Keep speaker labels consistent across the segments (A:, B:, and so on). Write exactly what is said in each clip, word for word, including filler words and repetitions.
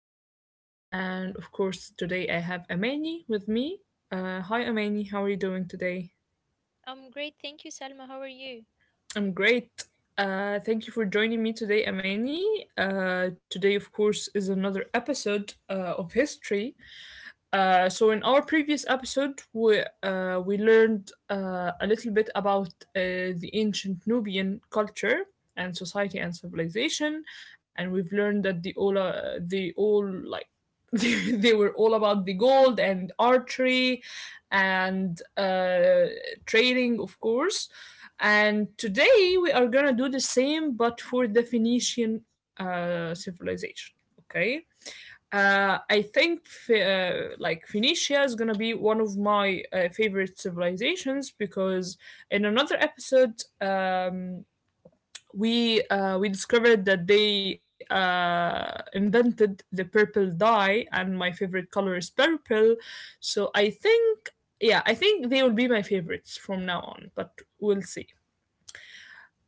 A: Salma. And of course, today I have Amani with me. Uh, hi, Amani. How are you doing today?
B: I'm great, thank you, Salma. How are you?
A: I'm great. Uh, thank you for joining me today, Amani. Uh, today, of course, is another episode uh, of history. Uh, so in our previous episode, we uh, we learned uh, a little bit about uh, the ancient Nubian culture and society and civilization, and we've learned that the all uh, they all like they, they were all about the gold and archery and uh, trading, of course. And today we are gonna do the same, but for the Phoenician uh, civilization. Okay. Uh, I think uh, like Phoenicia is gonna be one of my uh, favorite civilizations because in another episode um, we uh, we discovered that they uh, invented the purple dye and my favorite color is purple, so I think yeah, I think they will be my favorites from now on, but we'll see.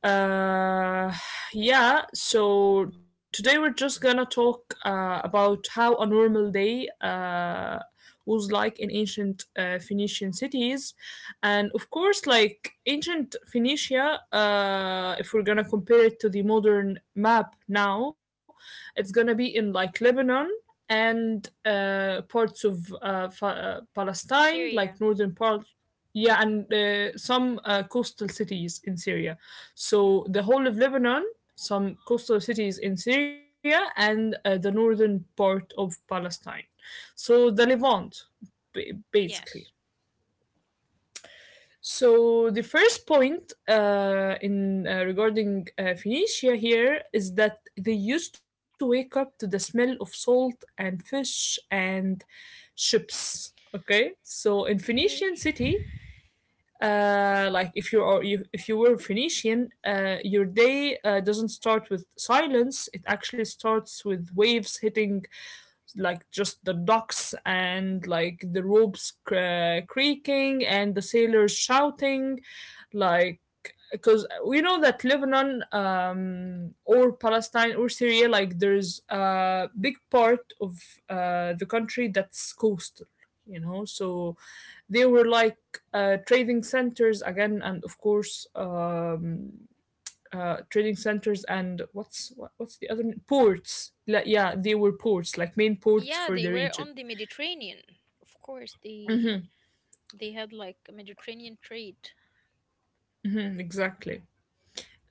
A: Uh, yeah, so today we're just gonna talk uh, about how a normal day uh, was like in ancient uh, Phoenician cities. And of course, like ancient Phoenicia, uh, if we're gonna compare it to the modern map now, it's gonna be in like Lebanon and uh, parts of uh, fa- uh, Palestine, like
B: Syria.
A: northern parts. Yeah, and uh, some uh, coastal cities in Syria.
B: Yeah.
A: So the whole of Lebanon, some coastal cities in Syria, and uh, the northern part of Palestine. So the Levant, ba- basically.
B: Yes.
A: So the first point uh, in uh, regarding uh, Phoenicia here is that they used to wake up to the smell of salt and fish and ships. Okay, so in Phoenician
B: Okay.
A: city, uh, like if you are you, if you were Phoenician, uh, your day uh, doesn't start with silence. It actually starts with waves hitting like just the docks and like the ropes cr- creaking and the sailors shouting, like, because we know that Lebanon um, or Palestine or Syria, like there's a big part of uh, the country that's coastal, you know, so they were like uh, trading centers again, and of course, um, uh, trading centers and what's what, what's the other n- ports? Like, yeah, they were ports, like main ports
B: Yeah,
A: for
B: they
A: the
B: were
A: region.
B: on the Mediterranean. Of course, they they had like a Mediterranean trade.
A: Hmm, exactly.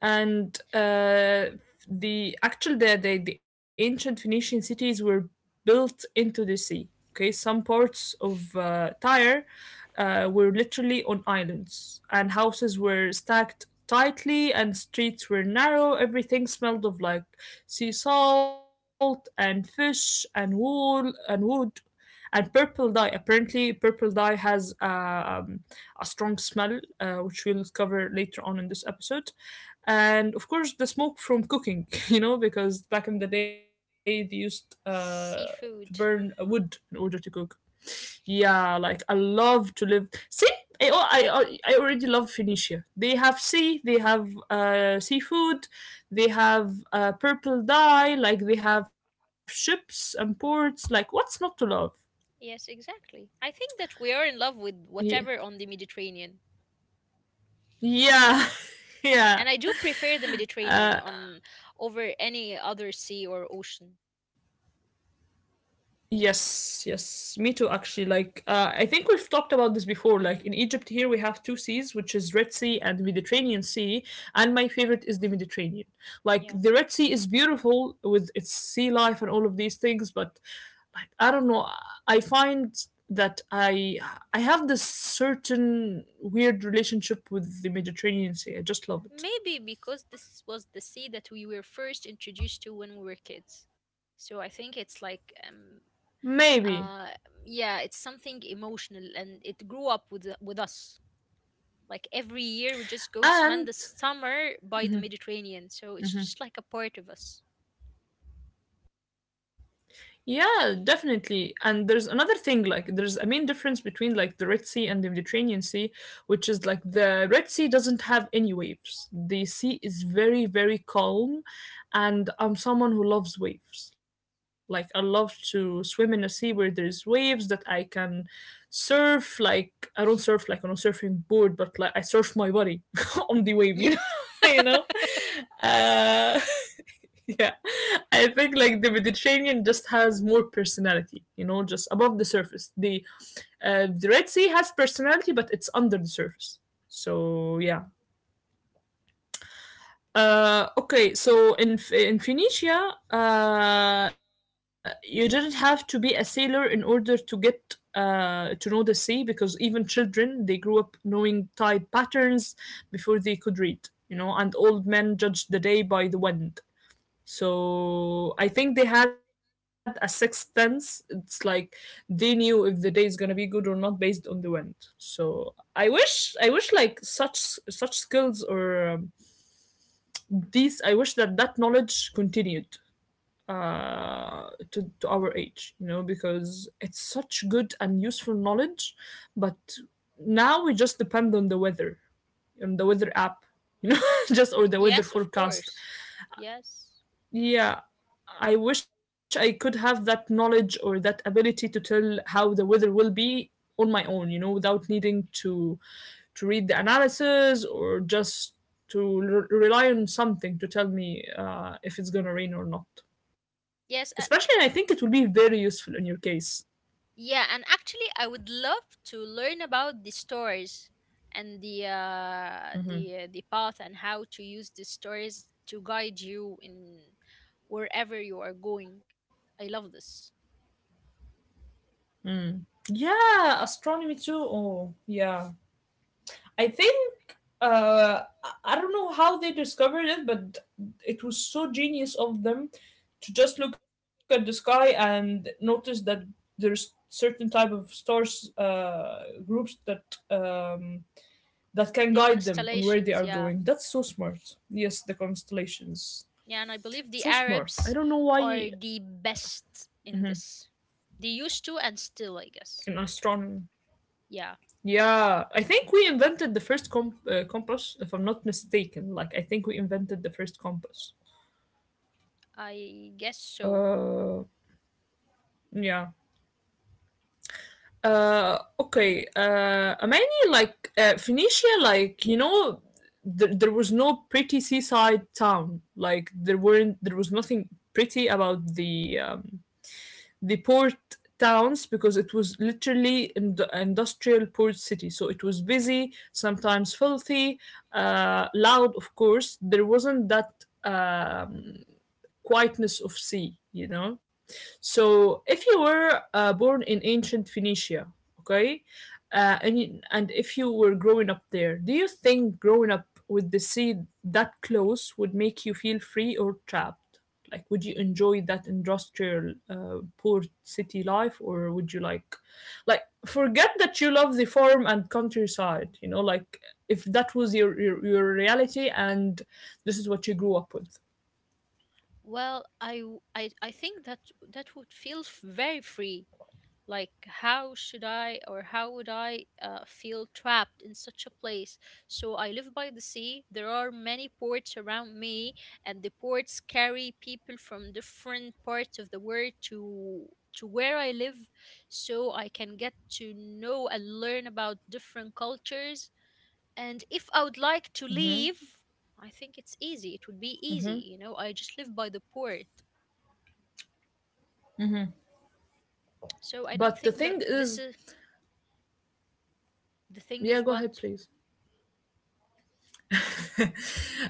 A: and uh, the actual the, the the ancient Phoenician cities were built into the sea. Okay, some parts of uh, Tyre uh, were literally on islands, and houses were stacked tightly, and streets were narrow. Everything smelled of like sea salt and fish and wool and wood. And purple dye. Apparently, purple dye has uh, um, a strong smell, uh, which we'll cover later on in this episode, and of course the smoke from cooking. You know, because back in the day they used uh to burn
B: Seafood.
A: wood in order to cook. Yeah, like I love to live see I oh, I I I already love Phoenicia. They have sea, they have uh seafood, they have uh purple dye, like they have ships and ports, like what's not to love?
B: Yes, exactly. I think that we are in love with
A: Yeah,
B: whatever on the Mediterranean.
A: yeah, yeah.
B: And I do prefer the Mediterranean
A: uh,
B: on over any other sea or ocean.
A: Yes, yes, me too, actually. Like, uh, I think we've talked about this before. Like, in Egypt,
B: Mm,
A: here we have two seas, which is Red Sea and Mediterranean Sea, and my favorite is the Mediterranean. Like,
B: yeah.
A: the Red Sea is beautiful with its sea life and all of these things, but like, I don't know, I find that I I have this certain weird relationship with the Mediterranean Sea. I just love it.
B: Maybe because this was the sea that we were first introduced to when we were kids. So I think it's like um
A: Maybe.
B: uh yeah, it's something emotional and it grew up with the- with us. Like every year we just go to spend the
A: And
B: summer by the Mediterranean. So it's just like a part of us.
A: yeah, definitely. And there's another thing, like there's a main difference between like the Red Sea and the Mediterranean Sea, which is like the Red Sea doesn't have any waves. The sea is very, very calm. And I'm someone who loves waves. Like I love to swim in a sea where there's waves that I can surf. Like I don't surf like on a surfing board, but like I surf my body on the wave, you know?
B: Yeah.
A: You know? Uh yeah, I think like the Mediterranean just has more personality, you know, just above the surface. The uh, the Red Sea has personality but it's under the surface, so yeah. Uh, okay, so in in Phoenicia, uh, you didn't have to be a sailor in order to get uh, to know the sea, because even children, they grew up knowing tide patterns before they could read, you know, and old men judged the day by the wind. So I think they had a sixth sense. It's like they knew if the day is gonna be good or not based on the wind. So I wish, I wish like such such skills or um, these. I wish that that knowledge continued uh, to to our age. You know, because it's such good and useful knowledge, but now we just depend on the weather, on the weather app. You know, just or the
B: Yes,
A: weather
B: of course.
A: forecast.
B: Yes.
A: Yeah, I wish I could have that knowledge or that ability to tell how the weather will be on my own, you know, without needing to to read the analysis or just to re- rely on something to tell me uh, if it's gonna rain or not.
B: Yes, uh,
A: Especially, I think it will be very useful in your case.
B: Yeah, and actually, I would love to learn about the stories and the uh, the the path and how to use the stories to guide you in wherever you are going. I love this.
A: Yeah, astronomy too. Oh, yeah. I think uh, I don't know how they discovered it, but it was so genius of them to just look at the sky and notice that there's certain type of stars uh, groups that um, that can
B: The
A: guide them on where they
B: constellations,
A: are
B: yeah,
A: going. That's so smart. Yes, the constellations.
B: yeah, and I believe the
A: So smart. I
B: Arabs
A: don't know why
B: are the best in this. They used to and still, I
A: in
B: guess.
A: astronomy.
B: Yeah,
A: Yeah, I think we invented the first comp- uh, compass, if I'm not mistaken. Like, I think we invented the first compass.
B: I guess so.
A: Uh, yeah. Uh, okay. Uh, Amani, like uh, Phoenicia, like you know, th- there was no pretty seaside town. Like there weren't, there was nothing pretty about the um, the port towns, because it was literally an industrial port city, so it was busy, sometimes filthy, uh, loud. Of course there wasn't that um, quietness of sea, you know. So if you were uh, born in ancient Phoenicia, okay, uh, and you, and if you were growing up there, do you think growing up with the sea that close would make you feel free or trapped? Like, would you enjoy that industrial uh, poor city life, or would you like, like, forget that you love the farm and countryside? You know, like if that was your your, your reality and this is what you grew up with.
B: Well, I w- I I think that that would feel f- very free. Like, how should I or how would I uh, feel trapped in such a place? So, I live by the sea. There are many ports around me, and the ports carry people from different parts of the world to to where I live so I can get to know and learn about different cultures. And if I would like to leave, I think it's easy. It would be easy, you know. I just live by the port. So I don't
A: But the
B: think that
A: thing
B: this
A: is,
B: is the thing
A: yeah,
B: is
A: go ahead,
B: what.
A: please.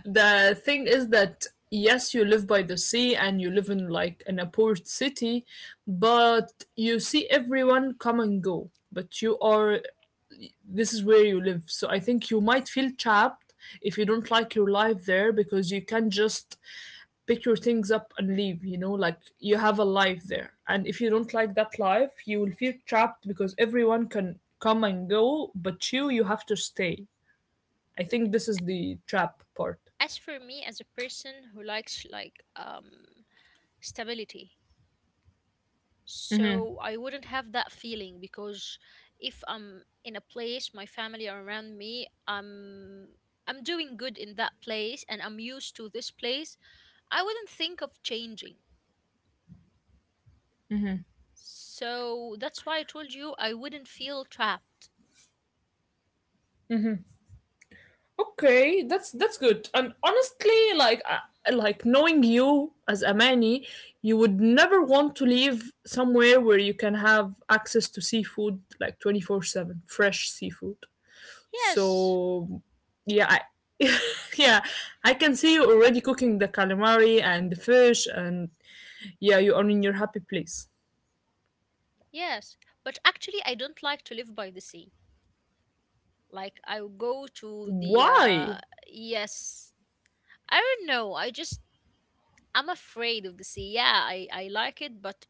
A: The thing is that yes, you live by the sea and you live in like in a port city, but you see everyone come and go, but you are, this is where you live, so I think you might feel trapped if you don't like your life there, because you can't just pick your things up and leave, you know. Like, you have a life there, and if you don't like that life you will feel trapped because everyone can come and go but you you have to stay. I think this is the trap part.
B: As for me, as a person who likes like um stability, so I wouldn't have that feeling because if I'm in a place, my family are around me, i'm i'm doing good in that place and I'm used to this place. I wouldn't think of changing. So that's why I told you I wouldn't feel trapped.
A: Okay, that's that's good. And honestly, like uh, like knowing you as Amani, you would never want to live somewhere where you can have access to seafood like twenty four seven, fresh seafood.
B: Yes.
A: So, yeah, I, yeah, I can see you already cooking the calamari and the fish, and yeah, you are in your happy place.
B: Yes, but actually I don't like to live by the sea. Like I will go to the
A: Why?
B: uh yes. I don't know. I just I'm afraid of the sea. Yeah, I I like it, but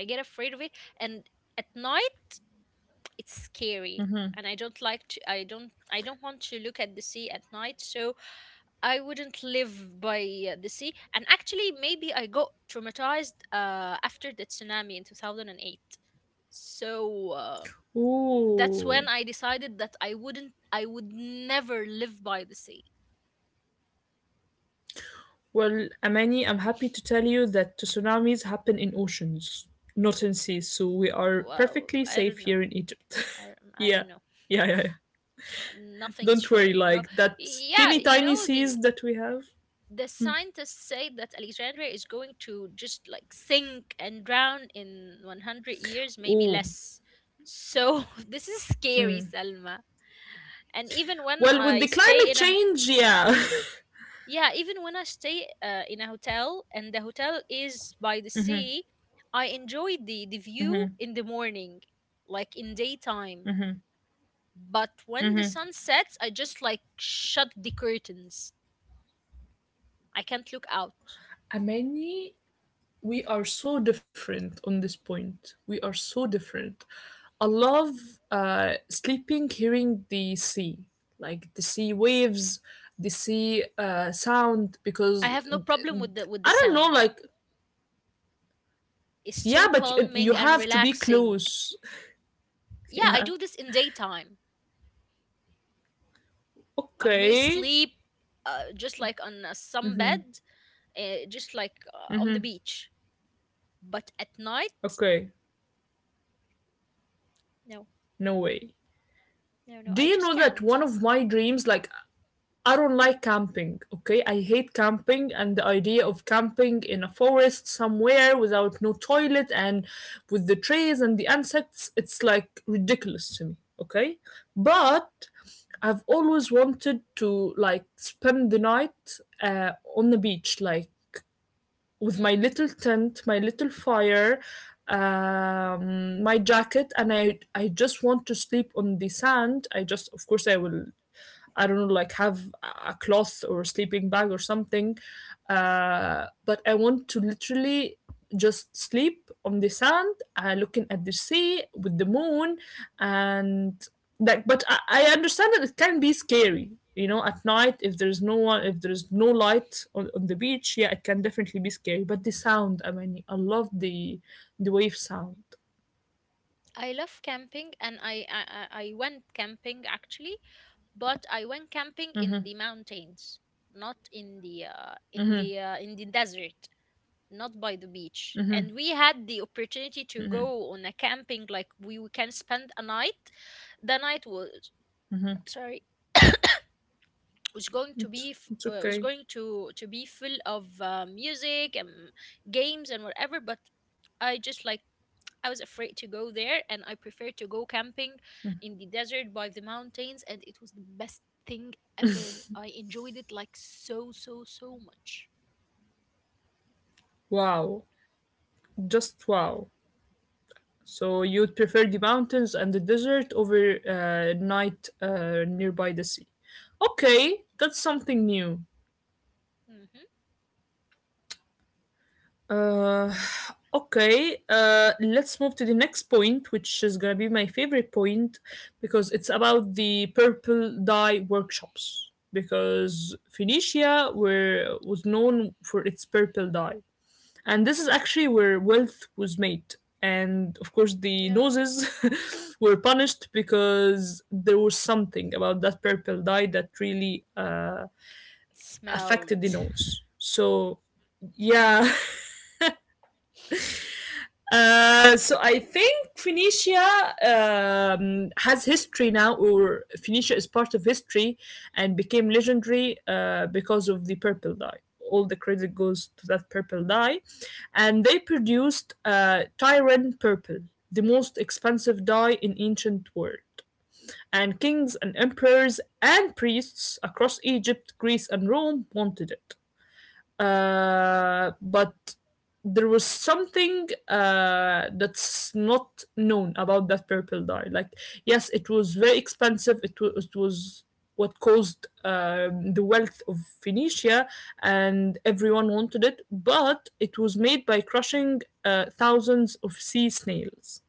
B: I get afraid of it. And at night, it's scary, and I don't like to. I don't. I don't want to look at the sea at night. So I wouldn't live by uh, the sea. And actually, maybe I got traumatized uh, after the tsunami in two thousand and eight. So uh, that's
A: Ooh.
B: when I decided that I wouldn't. I would never live by the sea.
A: Well, Amani, I'm happy to tell you that tsunamis happen in oceans, not in seas, so we are
B: Well,
A: perfectly
B: I don't
A: safe
B: know.
A: here in Egypt.
B: I, I
A: Yeah.
B: don't know.
A: Yeah, yeah, yeah.
B: Nothing's
A: Don't
B: sure,
A: worry,
B: you know.
A: like that
B: Yeah,
A: teeny
B: you
A: tiny
B: know the
A: seas that we have.
B: the scientists say that Alexandria is going to just like sink and drown in one hundred years, maybe
A: Oh,
B: less. So this is scary, Salma. And even when
A: well, with
B: I
A: the
B: stay
A: climate
B: in a
A: change, yeah.
B: yeah, even when i stay uh, in a hotel and the hotel is by the sea, I enjoy the the view in the morning, like in daytime. But when the sun sets, I just like shut the curtains. I can't look out.
A: Amani, we are so different on this point. We are so different. I love uh, sleeping hearing the sea, like the sea waves, the sea uh, sound,
B: I
A: because
B: have no
A: th-
B: problem
A: th-
B: with the with the
A: I don't know,
B: sound.
A: like,
B: It's
A: yeah,
B: so
A: but y-
B: calming
A: you
B: and
A: have to be
B: relaxing.
A: close.
B: Yeah, I
A: Yeah.
B: do this in daytime. I may
A: Okay.
B: sleep uh, just like on a sunbed, uh, just like uh, on the beach. But at night,
A: Okay.
B: no,
A: No way.
B: no, no,
A: Do
B: I
A: you
B: just
A: know that
B: can't.
A: one of my dreams, like, I don't like camping, okay? I hate camping and the idea of camping in a forest somewhere without no toilet and with the trees and the insects, it's like ridiculous to me, okay? But I've always wanted to like spend the night uh, on the beach, like with my
B: Hmm.
A: little tent, my little fire, um, my jacket, and I I just want to sleep on the sand. I just, of course, I will, I don't know, like have a cloth or sleeping bag or something. Uh, but I want to literally just sleep on the sand, uh, looking at the sea with the moon, and like. But I, I understand that it can be scary, you know, at night if there's no one, if there's no light on, on the beach. Yeah, it can definitely be scary. But the sound, I mean, I love the the wave sound.
B: I love camping, and I, I I I went camping actually, but I went camping in the mountains, not in the uh, in the uh, in the desert. Not by the beach. And we had the opportunity to go on a camping, like we, we can spend a night. The night was sorry, was going to
A: It's
B: be f-
A: it's
B: uh, was
A: okay.
B: going to to be full of uh, music and games and whatever, but I just like I was afraid to go there and I preferred to go camping in the desert by the mountains. And it was the best thing ever. I enjoyed it like so so so much.
A: Wow, just wow. So you'd prefer the mountains and the desert over uh, night uh, nearby the sea. Okay, that's something new.
B: Hmm.
A: Uh, okay, uh, let's move to the next point, which is gonna be my favorite point because it's about the purple dye workshops. Because Phoenicia were was known for its purple dye, and this is actually where wealth was made, and of course the noses were punished because there was something about that purple dye that really uh, affected the
B: Smelled.
A: nose, so yeah. Uh, so I think Phoenicia um, has history now, or Phoenicia is part of history and became legendary uh, because of the purple dye. All the credit goes to that purple dye, and they produced uh, Tyran purple, the most expensive dye in ancient world. And kings and emperors and priests across Egypt, Greece, and Rome wanted it, uh, but there was something uh, that's not known about that purple dye. Like, yes, it was very expensive. It was, it was what caused um, the wealth of Phoenicia, and everyone wanted it. But it was made by crushing uh, thousands of sea snails.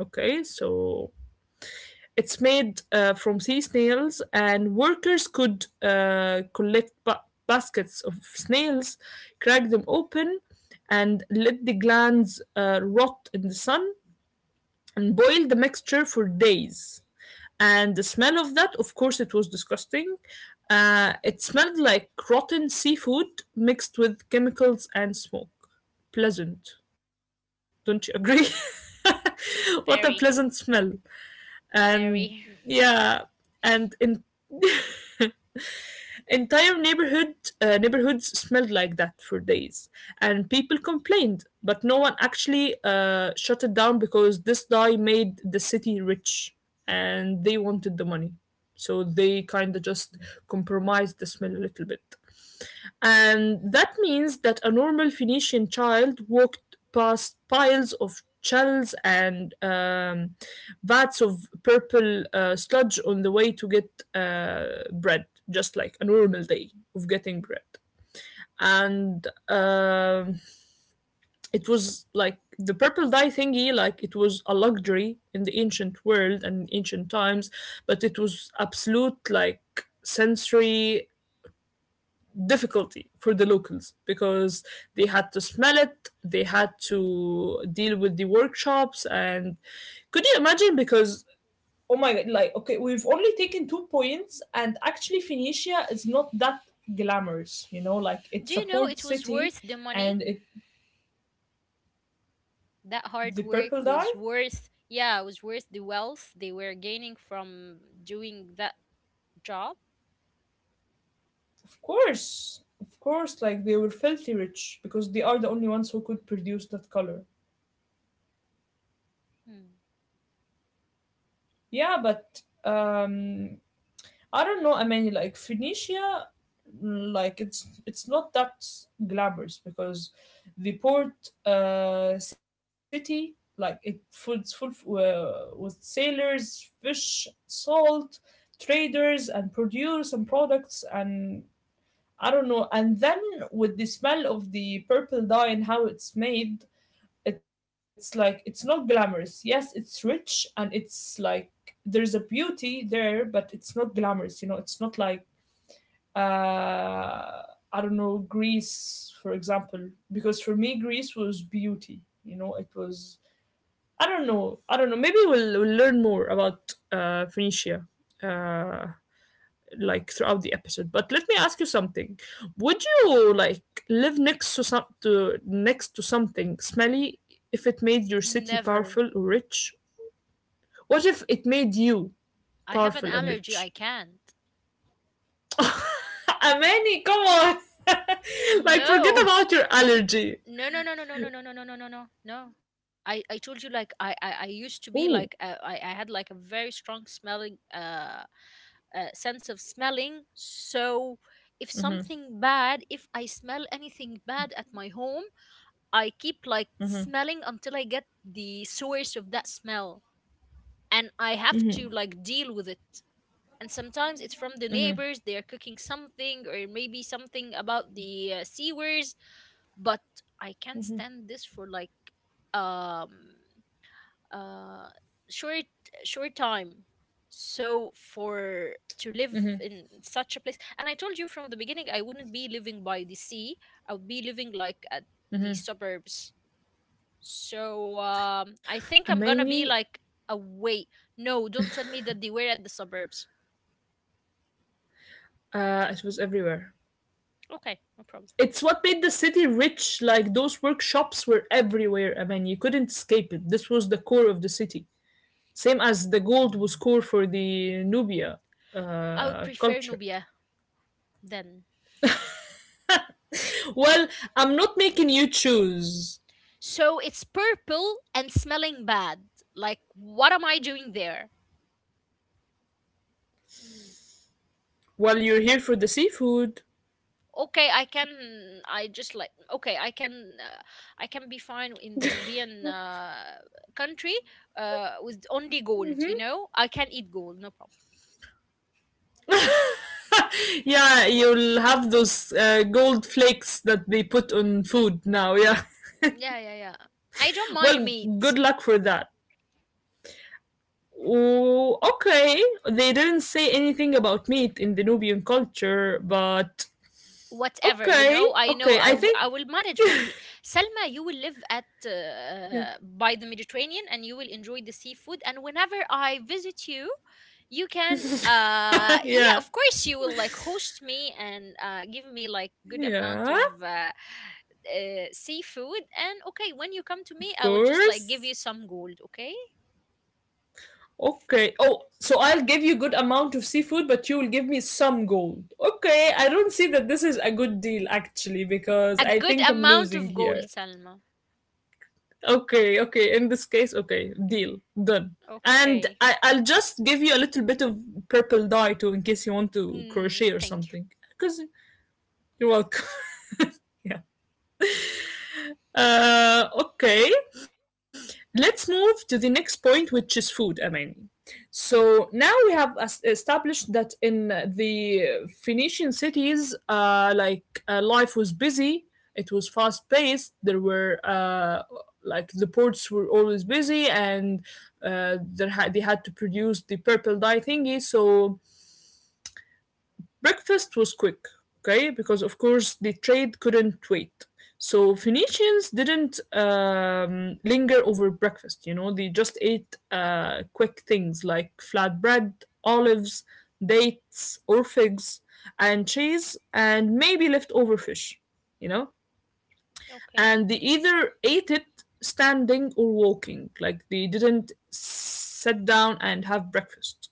A: Okay, so it's made uh, from sea snails, and workers could uh, collect ba- baskets of snails, crack them open, and let the glands uh, rot in the sun, and boil the mixture for days. And the smell of that, of course, it was disgusting. Uh, it smelled like rotten seafood mixed with chemicals and smoke. Pleasant, don't you agree? What a
B: Very.
A: pleasant smell. And
B: Very.
A: yeah, and in entire neighborhood uh, neighborhoods smelled like that for days, and people complained, but no one actually uh, shut it down because this guy made the city rich, and they wanted the money, so they kind of just compromised the smell a little bit. And that means that a normal Phoenician child walked past piles of shells and um, vats of purple uh, sludge on the way to get uh, bread, just like a normal day of getting bread. And um it was like the purple dye thingy, like it was a luxury in the ancient world and ancient times, but it was absolute like sensory difficulty for the locals because they had to smell it, they had to deal with the workshops, and could you imagine? Because oh my god, like okay, we've only taken two points, and actually Phoenicia is not that glamorous, you know, like
B: Do
A: it's a
B: you know
A: port
B: it was
A: city,
B: worth the money?
A: and it
B: That hard
A: the purple
B: work
A: dye,
B: was worth, yeah, was worth the wealth they were gaining from doing that job?
A: of course, of course, like they were filthy rich because they are the only ones who could produce that color.
B: Hmm.
A: Yeah, but um I don't know. I mean, like Phoenicia, mm, like it's it's not that glamorous because the port uh, city, like it full it's full uh, with sailors, fish, salt, traders, and produce and products, and I don't know. And then with the smell of the purple dye and how it's made, it's like it's not glamorous. Yes, it's rich and it's like there's a beauty there, but it's not glamorous. You know, it's not like uh, I don't know, Greece, for example, because for me, Greece was beauty. You know, it was, I don't know, I don't know. Maybe we'll, we'll learn more about uh, Phoenicia uh, like throughout the episode. But let me ask you something. Would you like live next to some to next to something smelly if it made your city
B: Never.
A: powerful or rich? What if it made you
B: I have an
A: powerful and
B: allergy. I
A: rich?
B: can't.
A: Amani, come on. Like forget
B: No.
A: about your allergy.
B: No, no, no, no, no, no, no, no, no, no, no, no. No. I, I told you like I, I, I
A: Oh,
B: used to be like uh, I, I had like a very strong smelling uh, uh sense of smelling. So if something bad if I smell anything bad at my home, I keep like smelling until I get the source of that smell, and I have to like deal with it. And sometimes it's from the neighbors, they are cooking something or maybe something about the uh, sewers, but I can't stand this for like um uh short short time. So for to live in such a place, and I told you from the beginning I wouldn't be living by the sea. I would be living like at the suburbs. So um, I think I'm
A: Amani,
B: gonna be like away. No, don't tell me that they were at the suburbs.
A: uh, it was everywhere.
B: Okay, no problem.
A: It's what made the city rich. Like those workshops were everywhere, Amani. You couldn't escape it. This was the core of the city. Same as the gold was core for the Nubia
B: I would
A: uh,
B: prefer
A: culture.
B: Nubia then.
A: Well, I'm not making you choose.
B: So it's purple and smelling bad. Like, what am I doing there?
A: While you're here for the seafood,
B: Okay, I can. I just like. Okay, I can. Uh, I can be fine in the Nubian uh, country uh, with only gold. You know, I can eat gold, no problem.
A: yeah, you'll have those uh, gold flakes that they put on food now. Yeah.
B: Yeah, yeah, yeah. I don't mind
A: Well,
B: meat.
A: good luck for that. Oh, okay. They didn't say anything about meat in the Nubian culture, but
B: Whatever, you
A: okay,
B: know, I know
A: okay.
B: I
A: I
B: w-
A: think
B: I will manage my thing. Selma you will live at
A: yeah,
B: uh, by the Mediterranean and you will enjoy the seafood, and whenever I visit you, you can uh yeah,
A: yeah,
B: of course you will like host me and uh give me like good amount
A: yeah.
B: of uh, uh seafood. And okay, when you come to me,
A: Of
B: I will just like give you
A: course.
B: some gold. Okay.
A: Okay. Oh, so I'll give you good amount of seafood, but you will give me some gold. Okay. I don't see that this is a good deal actually, because
B: A
A: I
B: good
A: think I'm
B: amount
A: losing
B: of gold,
A: here.
B: Salma.
A: Okay, okay. In this case, okay, deal, done. And
B: Okay.
A: I, I'll just give you a little bit of purple dye too, in case you want to
B: Mm,
A: crochet or
B: thank you.
A: something. Because you're welcome. Yeah. Uh, okay. Let's move to the next point, which is food, Amani. So now we have es- established that in the Phoenician cities, uh, like uh, life was busy, it was fast paced. There were uh, like the ports were always busy, and uh, there had they had to produce the purple dye thingy. So breakfast was quick, okay, because of course the trade couldn't wait. So Phoenicians didn't um, linger over breakfast, you know, they just ate uh, quick things like flatbread, olives, dates, or figs, and cheese, and maybe leftover fish, you know?
B: Okay.
A: And they either ate it standing or walking, like they didn't sit down and have breakfast.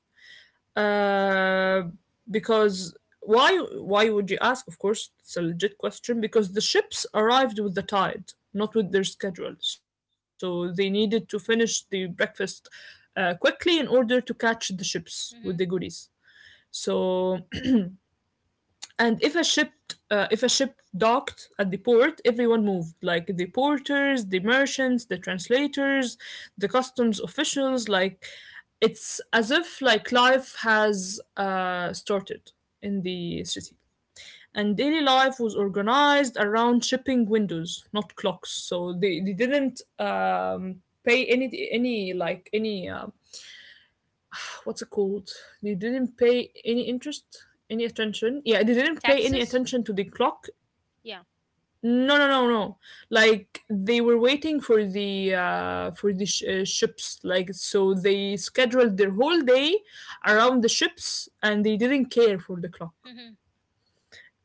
A: Uh, because why why would you ask? Of course, it's a legit question because the ships arrived with the tide, not with their schedule. So they needed to finish the breakfast uh, quickly in order to catch the ships with the
B: Hmm.
A: goodies. So and if a ship uh, if a ship docked at the port, everyone moved like the porters, the merchants, the translators, the customs officials, like it's as if like life has uh, started in the city, and daily life was organized around shipping windows, not clocks. So they, they didn't um, pay any any like any um, what's it called? They didn't pay any interest, any attention. Yeah, they didn't pay any
B: Taxes.
A: attention to the clock.
B: Yeah.
A: No, no, no, no. Like they were waiting for the uh, for the sh- uh, ships. Like so, they scheduled their whole day around the ships, and they didn't care for the clock.
B: Mhm.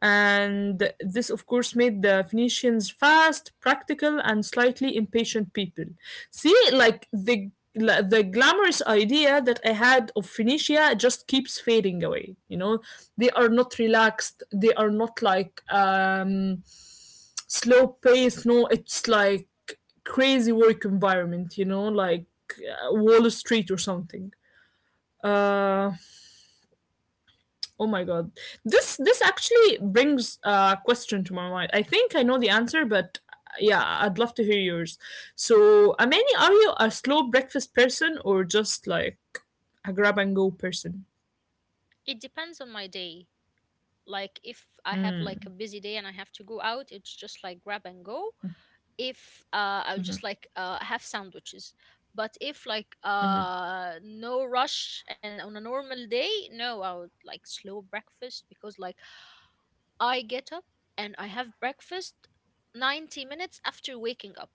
A: And this, of course, made the Phoenicians fast, practical, and slightly impatient people. See, like the the glamorous idea that I had of Phoenicia just keeps fading away. You know, they are not relaxed. They are not like um, slow pace. No, it's like crazy work environment. You know, like uh, Wall Street or something. Uh, Oh my god. This this actually brings a question to my mind. I think I know the answer, but uh, yeah, I'd love to hear yours. So, Amani, are you a slow breakfast person or just like a grab and go person?
B: It depends on my day. Like if I have like a busy day and I have to go out, it's just like grab and go. If uh I'll just like uh have sandwiches. But if like uh no rush and on a normal day, no, I would like slow breakfast because like I get up and I have breakfast ninety minutes after waking up.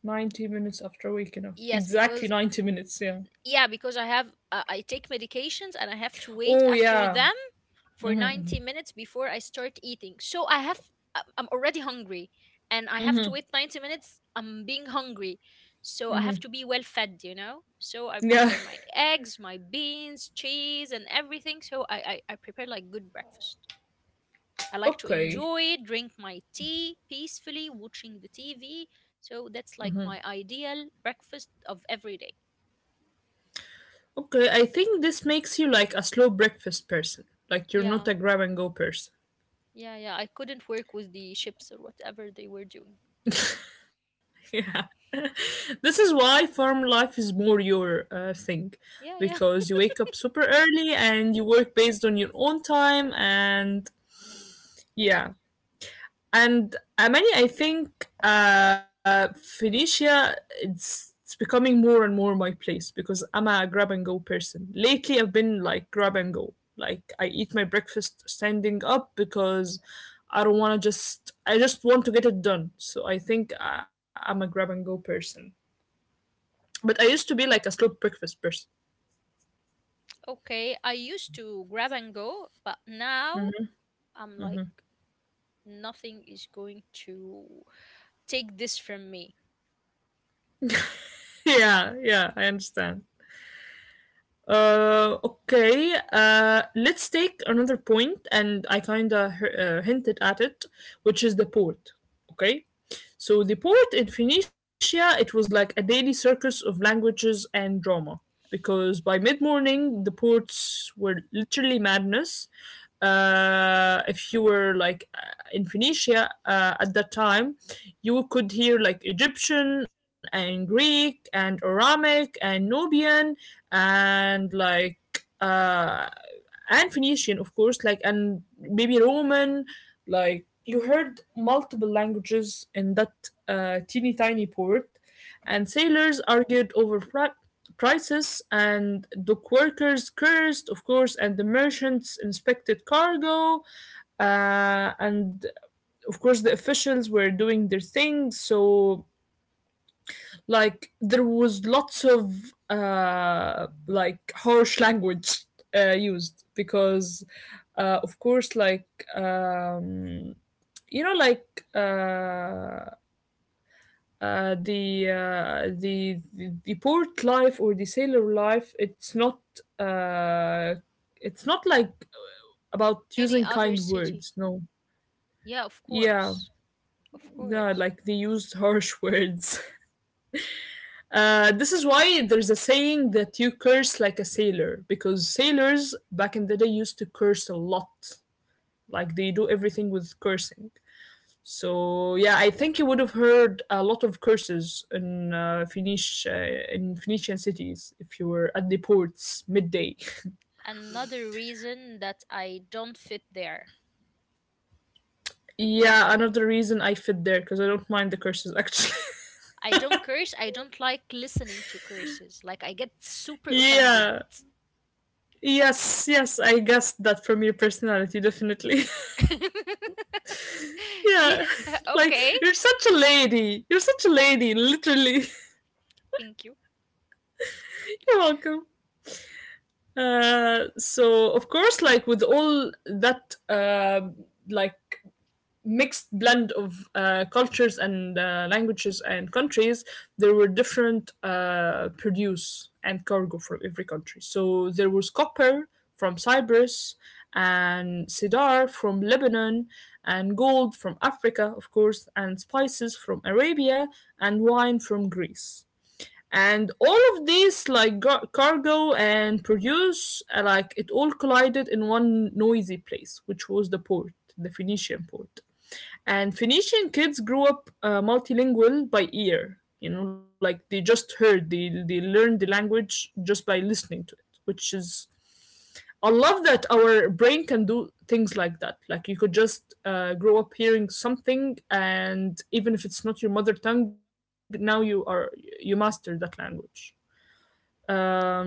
A: ninety minutes after waking up.
B: Yes,
A: Exactly
B: because
A: ninety minutes, yeah.
B: yeah because i have uh, I take medications and I have to wait
A: Oh
B: after
A: yeah.
B: them for ninety minutes before I start eating. So I have I- I'm already hungry and I have to wait ninety minutes, I'm being hungry. So I have to be well fed, you know, so I
A: Yeah.
B: prepare my eggs, my beans, cheese and everything. So i i, I prepare like good breakfast. I like to
A: Okay.
B: enjoy drink my tea peacefully watching the TV. So that's like my ideal breakfast of every day.
A: Okay, I think this makes you like a slow breakfast person. Like you're not
B: Yeah,
A: a grab and go person.
B: yeah, yeah. I couldn't work with the ships or whatever they were doing.
A: Yeah. This is why farm life is more your uh, thing
B: Yeah, yeah.
A: because you wake up super early and you work based on your own time, and yeah, and uh, many I think uh Phoenicia, it's it's becoming more and more my place because I'm a grab and go person. Lately I've been like grab and go. Like I eat my breakfast standing up because I don't want to just I just want to get it done. So I think I, I'm a grab and go person. But I used to be like a slow breakfast person.
B: Okay, I used to grab and go, but now I'm like, nothing is going to take this from me.
A: Yeah, yeah, I understand. Uh, okay. Uh, let's take another point, and I kind of uh, hinted at it, which is the port. Okay. So the port in Phoenicia, it was like a daily circus of languages and drama. Because by mid morning, the ports were literally madness. Uh, if you were like uh, in Phoenicia uh, at that time, you could hear like Egyptian and Greek and Aramic and Nubian and like uh, and Phoenician, of course, like and maybe Roman. Like you heard multiple languages in that uh, teeny tiny port, and sailors argued over pri- prices, and dock workers cursed, of course, and the merchants inspected cargo, uh, and of course the officials were doing their thing. So like there was lots of uh, like harsh language uh, used because uh, of course like um, you know like uh, uh, the, uh, the the the port life or the sailor life, it's not uh, it's not like about
B: Any
A: using
B: other
A: kind
B: city?
A: words. No.
B: Yeah, of
A: Yeah.
B: course. Of
A: Yeah,
B: course.
A: like they used harsh words. Uh, this is why there's a saying that you curse like a sailor, because sailors back in the day used to curse a lot. Like they do everything with cursing. So yeah, I think you would have heard a lot of curses in uh, Phoenish uh, in Phoenician cities if you were at the ports midday.
B: Another reason that I don't fit there.
A: Yeah, another reason I fit there because I don't mind the curses actually.
B: I don't curse. I don't like listening to curses. Like, I get super offended.
A: yeah. Yes, yes, I guessed that from your personality, definitely. Yeah,
B: Yeah,
A: like
B: okay.
A: you're such a lady. You're such a lady, literally.
B: Thank you.
A: You're welcome. Uh, so of course, like with all that, uh, like mixed blend of uh, cultures and uh, languages and countries, there were different uh, produce and cargo from every country. So there was copper from Cyprus and cedar from Lebanon and gold from Africa, of course, and spices from Arabia and wine from Greece. And all of these, like gar- cargo and produce, uh, like it all collided in one noisy place, which was the port, the Phoenician port. And Phoenician kids grew up uh, multilingual by ear. You know, like they just heard, they, they learned the language just by listening to it, which is, I love that our brain can do things like that. Like you could just uh, grow up hearing something, and even if it's not your mother tongue, now you are, you master that language. Um,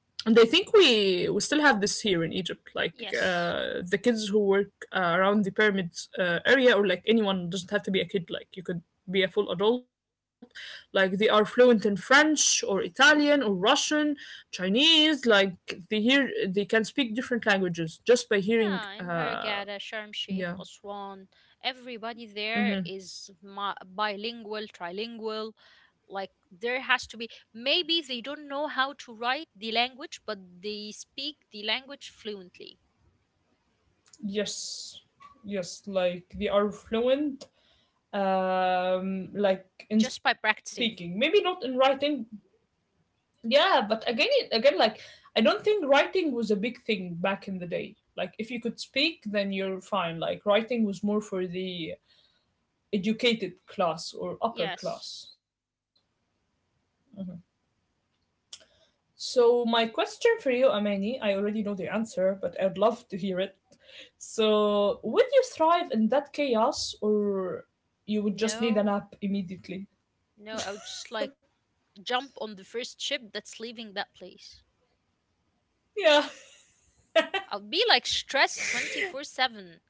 A: and I think we we still have this here in Egypt, like
B: Yes.
A: uh, the kids who work uh, around the pyramids uh, area, or like anyone doesn't have to be a kid. Like you could be a full adult. Like they are fluent in French or Italian or Russian, Chinese. Like they hear they can speak different languages just by
B: Yeah,
A: hearing.
B: in Hurghada,
A: Uh,
B: Sharm Sheikh,
A: yeah.
B: Aswan, everybody there is ma- bilingual, trilingual. Like there has to be. Maybe they don't know how to write the language, but they speak the language fluently
A: Yes. Yes. Like they are fluent. Um, like in
B: just by
A: speaking, maybe
B: practicing.
A: not in writing. Yeah, but again, it- again, like I don't think writing was a big thing back in the day. Like if you could speak, then you're fine. Like writing was more for the educated class or upper
B: Yes.
A: class. So my question for you, Amani, I already know the answer, but I'd love to hear it. So would you thrive in that chaos, or you would just need an
B: No,
A: app immediately?
B: no, I would just like jump on the first ship that's leaving that place.
A: Yeah,
B: I'll be like stressed twenty-four seven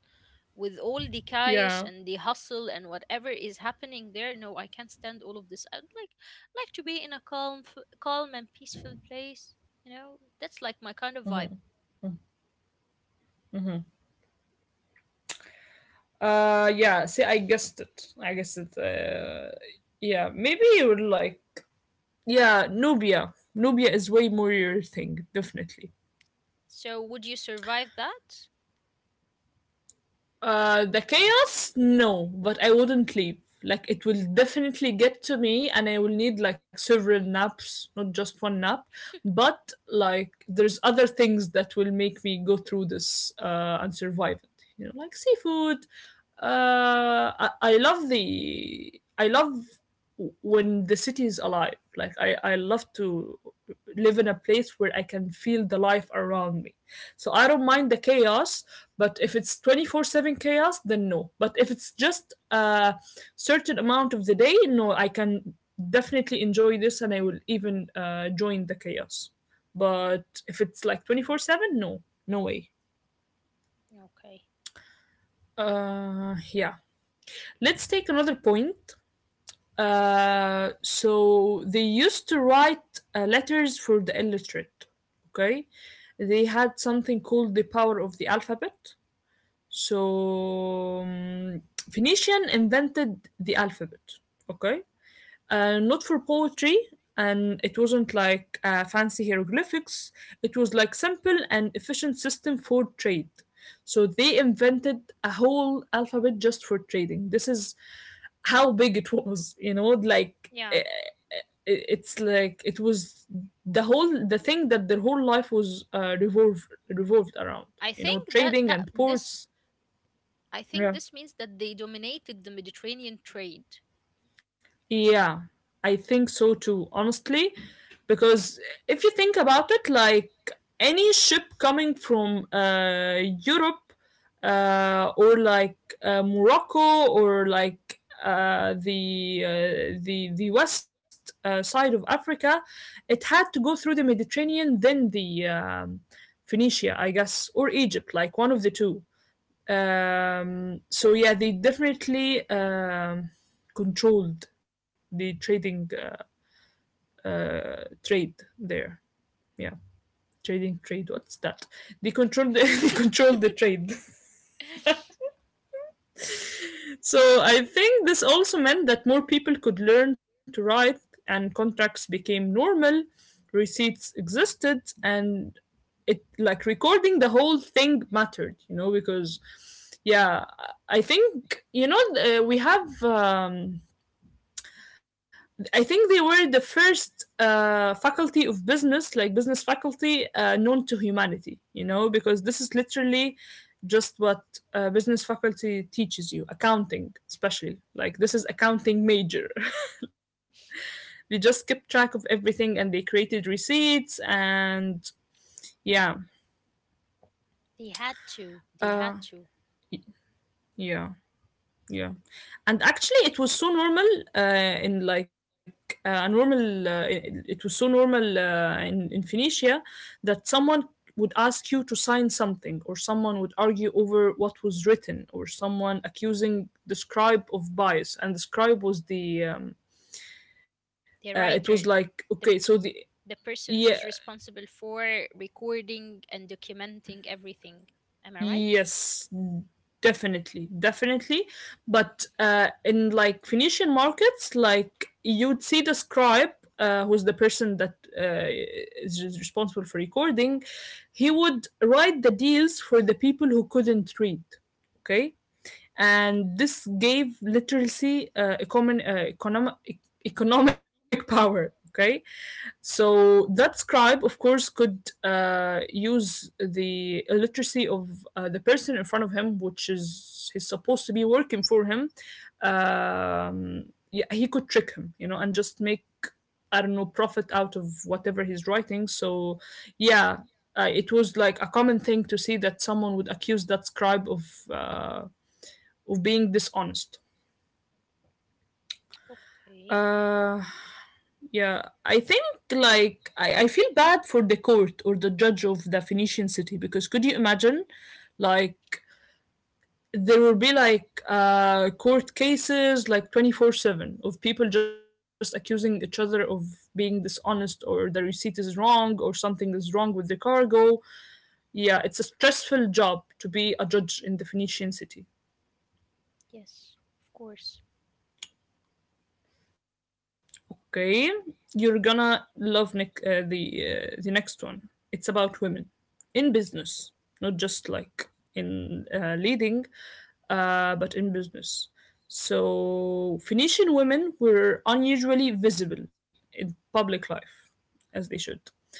B: with all the chaos
A: yeah,
B: and the hustle and whatever is happening there. No, I can't stand all of this. I'd like like to be in a calm f- calm and peaceful place, you know? That's like my kind of vibe.
A: uh, yeah. See, I guessed it. I guessed it. Uh, yeah, maybe you would like Yeah, Nubia. Nubia is way more your thing, definitely.
B: So would you survive that?
A: Uh, the chaos? No, but I wouldn't leave. Like, it will definitely get to me, and I will need like several naps, not just one nap. But like, there's other things that will make me go through this uh, and survive it. You know, like seafood. Uh, I, I love the. I love when the city is alive. Like, I, I love to live in a place where I can feel the life around me so I don't mind the chaos, but if it's twenty-four seven chaos, then no. But if it's just a certain amount of the day, no, I can definitely enjoy this and I will even uh, join the chaos. But if it's like twenty-four seven, no, no way. Uh, yeah. Let's take another point. Uh, so they used to write uh, letters for the illiterate. Okay, they had something called the power of the alphabet. So, um, Phoenician invented the alphabet, okay? Uh, not for poetry, and it wasn't like uh, fancy hieroglyphics. It was like simple and efficient system for trade. So they invented a whole alphabet just for trading. This is how big it was, you know, like
B: Yeah.
A: eh, it- it's like it was the whole the thing that their whole life was uh, revolved revolved around
B: I
A: you know
B: think that
A: trading
B: that
A: and
B: this
A: ports
B: I think this
A: yeah.
B: means that they dominated the Mediterranean trade.
A: Yeah, I think so too, honestly. Because if you think about it, like any ship coming from uh, Europe uh, or like uh, Morocco or like uh, the uh, the the west uh, side of Africa, it had to go through the Mediterranean, then the um, Phoenicia, I guess, or Egypt, like one of the two. Um, so yeah, they definitely um, controlled the trading uh, trade there. Yeah, trading trade. What's that? They controlled the, they controlled the trade. So I think this also meant that more people could learn to write, and contracts became normal. Receipts existed, and it like recording the whole thing mattered. You know because yeah, I think you know uh, we have. Um, I think they were the first uh, faculty of business, like business faculty, uh, known to humanity, you know, because this is literally just what uh, business faculty teaches you accounting especially like this is accounting major they just kept track of everything and they created receipts and yeah
B: They had to. They had
A: uh
B: to.
A: yeah Yeah, and actually, it was so normal uh, in like uh, a normal. Uh, it, it was so normal uh, in in Phoenicia that someone would ask you to sign something, or someone would argue over what was written, or someone accusing the scribe of bias, and the scribe was the. Um, uh,
B: The
A: it was
B: writer,
A: like
B: the
A: okay, so the
B: the person
A: yeah
B: who's responsible for recording and documenting everything. Am I right?
A: Yes, definitely, definitely. But uh, in like Phoenician markets, like you'd see the scribe, uh, who's the person that uh, is res- responsible for recording, he would write the deals for the people who couldn't read. Okay, and this gave literacy uh, a common uh, economic economic power. Okay, so that scribe, of course, could uh, use the illiteracy of uh, the person in front of him, which is he's supposed to be working for him. Um, yeah, he could trick him, you know, and just make I don't know profit out of whatever he's writing. So yeah, uh, it was like a common thing to see that someone would accuse that scribe of uh, of being dishonest.
B: Okay.
A: Uh, Yeah, I think like I, I feel bad for the court or the judge of the Phoenician city because could you imagine like there will be like uh court cases like twenty-four seven of people just accusing each other of being dishonest or the receipt is wrong or something is wrong with the cargo. Yeah, it's a stressful job to be a judge in the Phoenician city.
B: Yes, of course.
A: Okay, you're gonna love Nick, uh, the uh, the next one. It's about women in business, not just like in uh, leading, uh, but in business. So Phoenician women were unusually visible in public life, as they should.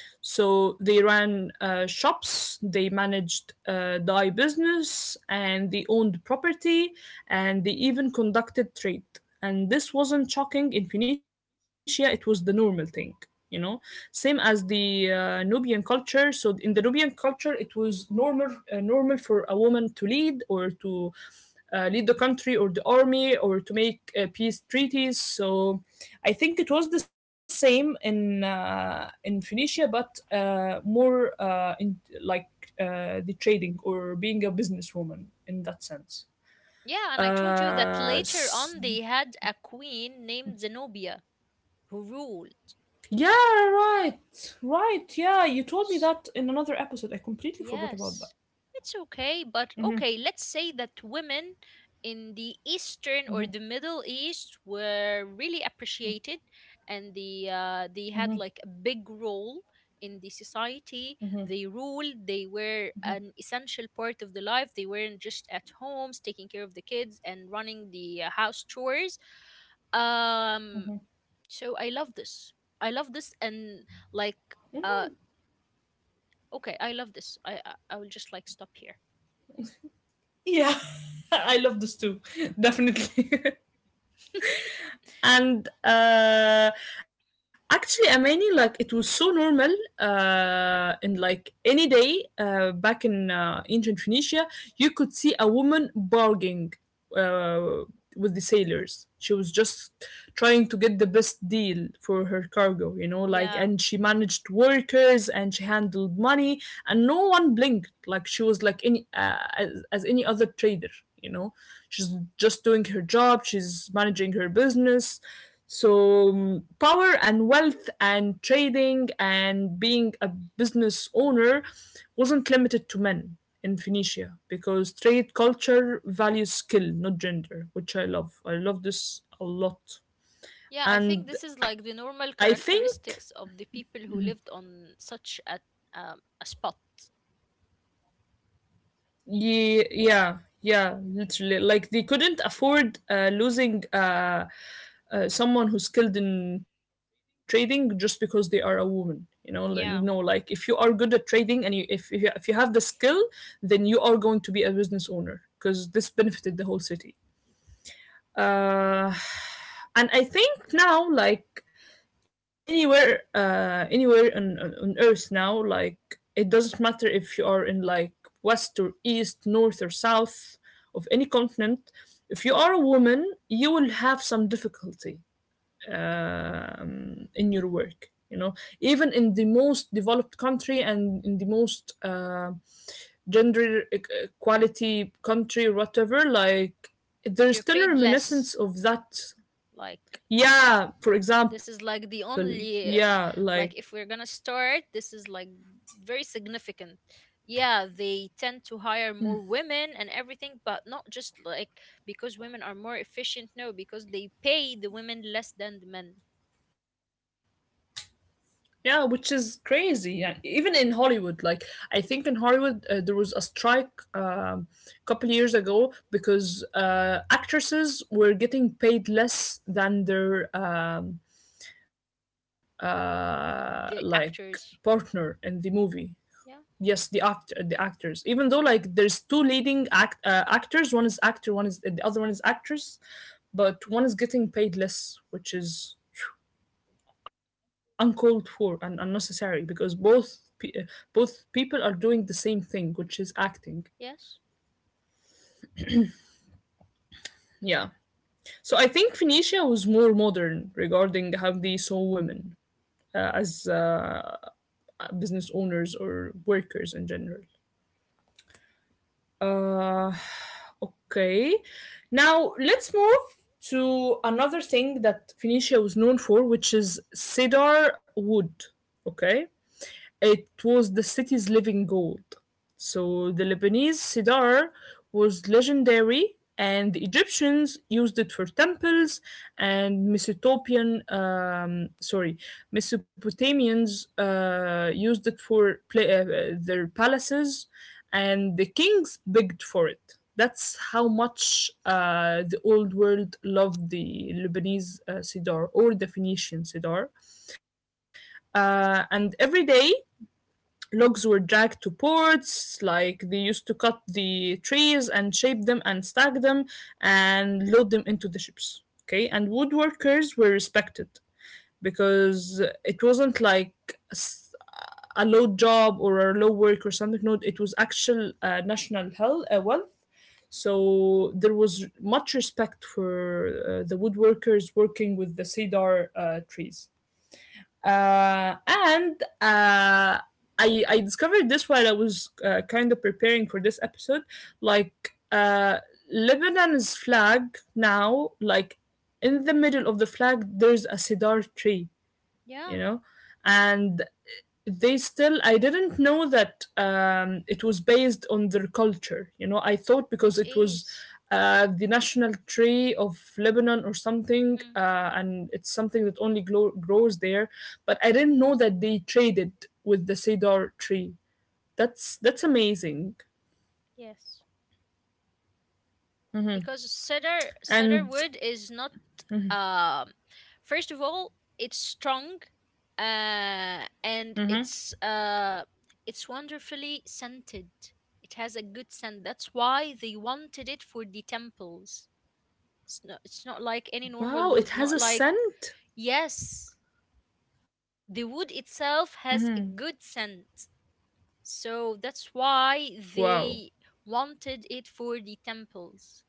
A: So they ran uh, shops, they managed uh, dye business, and they owned property, and they even conducted trade and this wasn't shocking in Phoenicia, it was the normal thing, you know? Same as the uh, Nubian culture. So in the Nubian culture, it was normal uh, normal for a woman to lead or to uh, lead the country or the army or to make uh, peace treaties. So I think it was the same in uh, in Phoenicia, but uh, more uh, in like uh, the trading or being a businesswoman in that sense.
B: Yeah, and I told you that
A: Uh,
B: later
A: s-
B: on they had a queen named Zenobia who ruled.
A: Yeah, right, right. Yeah, you told me that in another episode. I completely forgot about that.
B: Yes, it's okay, but okay, let's say that women in the Eastern or the Middle East were really appreciated, and the uh, they had like a big role in the society. They ruled. They were an essential part of the life. They weren't just at homes taking care of the kids and running the uh, house chores. Um, so I love this. I love this, and like uh, okay, I love this. I I, I will just like stop here.
A: Yeah, I love this too, definitely. and uh, actually, Amani, like it was so normal uh, in like any day uh, back in uh, ancient Phoenicia, you could see a woman barging. uh, with the sailors. She was just trying to get the best deal for her cargo, you know, like,
B: Yeah.
A: and she managed workers and she handled money, and no one blinked. Like, she was like any, uh, as, as any other trader, you know. She's just doing her job, she's managing her business. So, mm, power and wealth and trading and being a business owner wasn't limited to men in Phoenicia because trade culture values skill, not gender, which I love. I love this a lot.
B: Yeah, I think
A: And
B: this is
A: I
B: like the normal
A: think
B: characteristics of the people who lived on such a um, a spot.
A: Ye- yeah yeah literally like they couldn't afford uh, losing uh, uh, someone who's skilled in trading just because they are a woman you know L- no
B: Yeah.
A: like if you are good at trading and you if, if you if you have the skill then you are going to be a business owner because this benefited the whole city uh, and I think now, like anywhere, uh, anywhere on, on on Earth now, like it doesn't matter if you are in like west or east, north or south of any continent. If you are a woman, you will have some difficulty um, in your work you know even in the most developed country and in the most uh, gender e- equality country or whatever like there's
B: You're
A: still a
B: paid
A: reminiscence
B: less,
A: of that
B: like
A: yeah for
B: this is
A: example
B: like the
A: yeah
B: only uh,
A: like
B: like if we're gonna start, this is like very significant. Yeah, they tend to hire more women and everything, but not just like because women are more efficient, no, because they pay the women less than the men.
A: Yeah, which is crazy. Yeah, even in Hollywood, like I think in Hollywood uh, there was a strike um, couple years ago because uh, actresses were getting paid less than their um, uh,
B: Y-
A: like
B: the actors.
A: partner in the movie.
B: Yeah.
A: Yes, the act the actors. Even though like there's two leading act uh, actors, one is actor, one is the other one is actress, but one is getting paid less, which is uncalled for and unnecessary because both pe- uh, both people are doing the same thing, which is acting.
B: Yes.
A: Yeah. So I think Phoenicia was more modern regarding how they saw women uh, as uh, business owners or workers in general. Uh, okay. Now let's move to another thing that Phoenicia was known for, which is cedar wood. Okay. It was the city's living gold. So the Lebanese cedar was legendary, and the Egyptians used it for temples, and Mesopotamian, um, sorry, Mesopotamians uh, used it for pla uh, uh, their palaces, and the kings begged for it. That's how much uh, the old world loved the Lebanese uh, cedar or the Phoenician cedar. Uh, and every day logs were dragged to ports, like they used to cut the trees and shape them and stack them and load them into the ships. Okay, and woodworkers were respected because it wasn't like a s- a low job or a low work or something. No, it was actual uh, national health, uh, wealth. So there was much respect for uh, the woodworkers working with the cedar uh, trees. Uh, and uh, I, I discovered this while I was uh, kind of preparing for this episode. Like, uh, Lebanon's flag now, like in the middle of the flag, there's a cedar tree, you
B: Yeah,
A: know, and they still, I didn't know that um, it was based on their culture. You know, I thought because
B: it
A: it was
B: is.
A: uh, the national tree of Lebanon or something,
B: Mm-hmm.
A: uh, and it's something that only glo- grows there, but I didn't know that they traded with the cedar tree. That's that's amazing.
B: Yes, because cedar cedar
A: And
B: wood is not, um first of all, it's strong, uh and it's uh it's wonderfully scented. It has a good scent. That's why they wanted it for the temples. It's not, it's not like any normal
A: wow,
B: wood,
A: it has
B: not
A: a
B: like.
A: scent.
B: Yes, the wood itself has a good scent, so that's why
A: Wow.
B: they wanted it for the temples.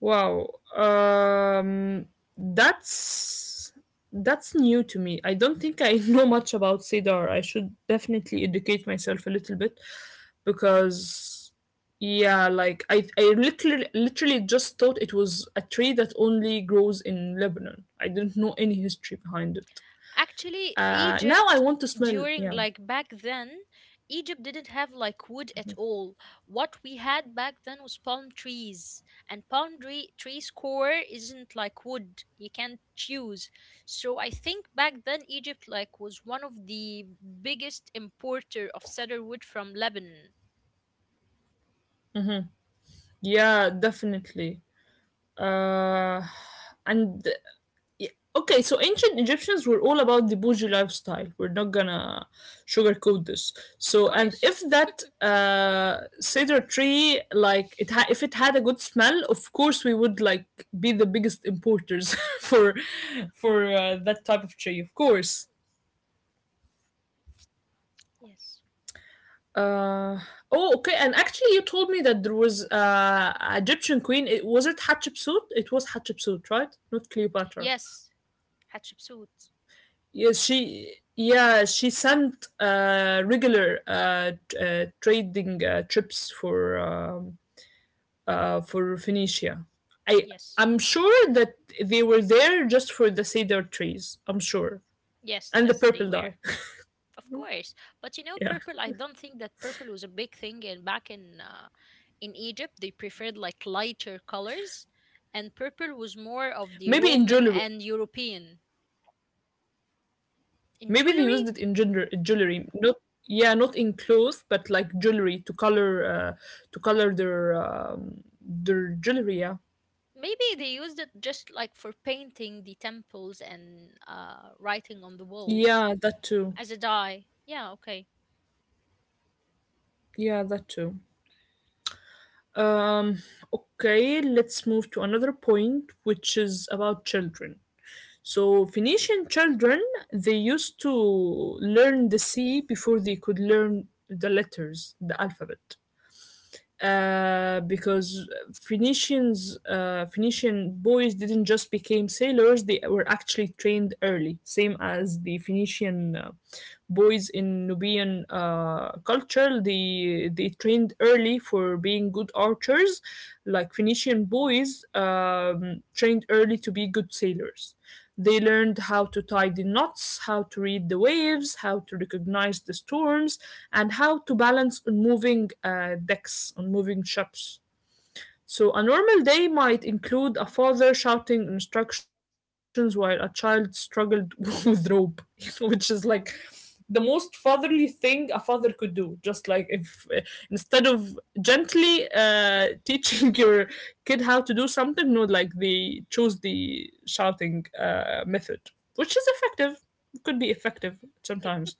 A: Wow. Um, that's that's new to me. I don't think I know much about cedar. I should definitely educate myself a little bit because yeah, like I I literally literally just thought it was a tree that only grows in Lebanon. I didn't know any history behind it.
B: Actually,
A: Uh, now I
B: Egypt
A: want to smell.
B: during
A: Yeah,
B: like back then, Egypt didn't have like wood at all. What we had back then was palm trees, and palm tree trees core isn't like wood. You can't choose. So I think back then Egypt like was one of the biggest importer of cedar wood from Lebanon.
A: yeah, definitely. Uh, and Yeah. Okay, so ancient Egyptians were all about the bougie lifestyle. We're not gonna sugarcoat this. So,
B: Of
A: and
B: course.
A: if that uh, cedar tree, like it, ha- if it had a good smell, of course we would like be the biggest importers for for uh, that type of tree, of course.
B: Yes.
A: Uh, oh, okay. And actually, you told me that there was uh, a Egyptian queen. It was it Hatshepsut. It was Hatshepsut, right? Not Cleopatra.
B: Yes, Hatshepsut.
A: Yes, she. Yeah, she sent uh, regular uh, t- uh, trading uh, trips for um, uh, for Phoenicia. I
B: Yes.
A: I'm sure that they were there just for the cedar trees. I'm sure,
B: Yes,
A: and the
B: that's they
A: purple
B: were.
A: dye.
B: Of course. But you know,
A: Yeah,
B: purple, I don't think that purple was a big thing in back in uh, in Egypt. They preferred like lighter colors, and purple was more of the
A: maybe in
B: Roman
A: jewelry.
B: and European. In
A: Maybe they used
B: jewelry,
A: it in gender, jewelry. Not yeah, not in clothes, but like jewelry to color uh, to color their um, their jewelry. Yeah,
B: maybe they used it just like for painting the temples and uh, writing on the walls
A: yeah, that too.
B: as a dye. Yeah, okay.
A: Yeah, that too. Um, okay, let's move to another point, which is about children. So, Phoenician children, they used to learn the sea before they could learn the letters, the alphabet uh, because Phoenicians, uh, Phoenician boys didn't just became sailors; they were actually trained early, same as the Phoenician uh, boys in Nubian uh, culture. They they trained early for being good archers, like Phoenician boys um, trained early to be good sailors. They learned how to tie the knots, how to read the waves, how to recognize the storms, and how to balance on moving uh, decks, on moving ships. So, a normal day might include a father shouting instructions while a child struggled with rope, which is like the most fatherly thing a father could do. Just like if uh, instead of gently uh, teaching your kid how to do something, no, like they chose the shouting uh, method, which is effective. It could be effective sometimes.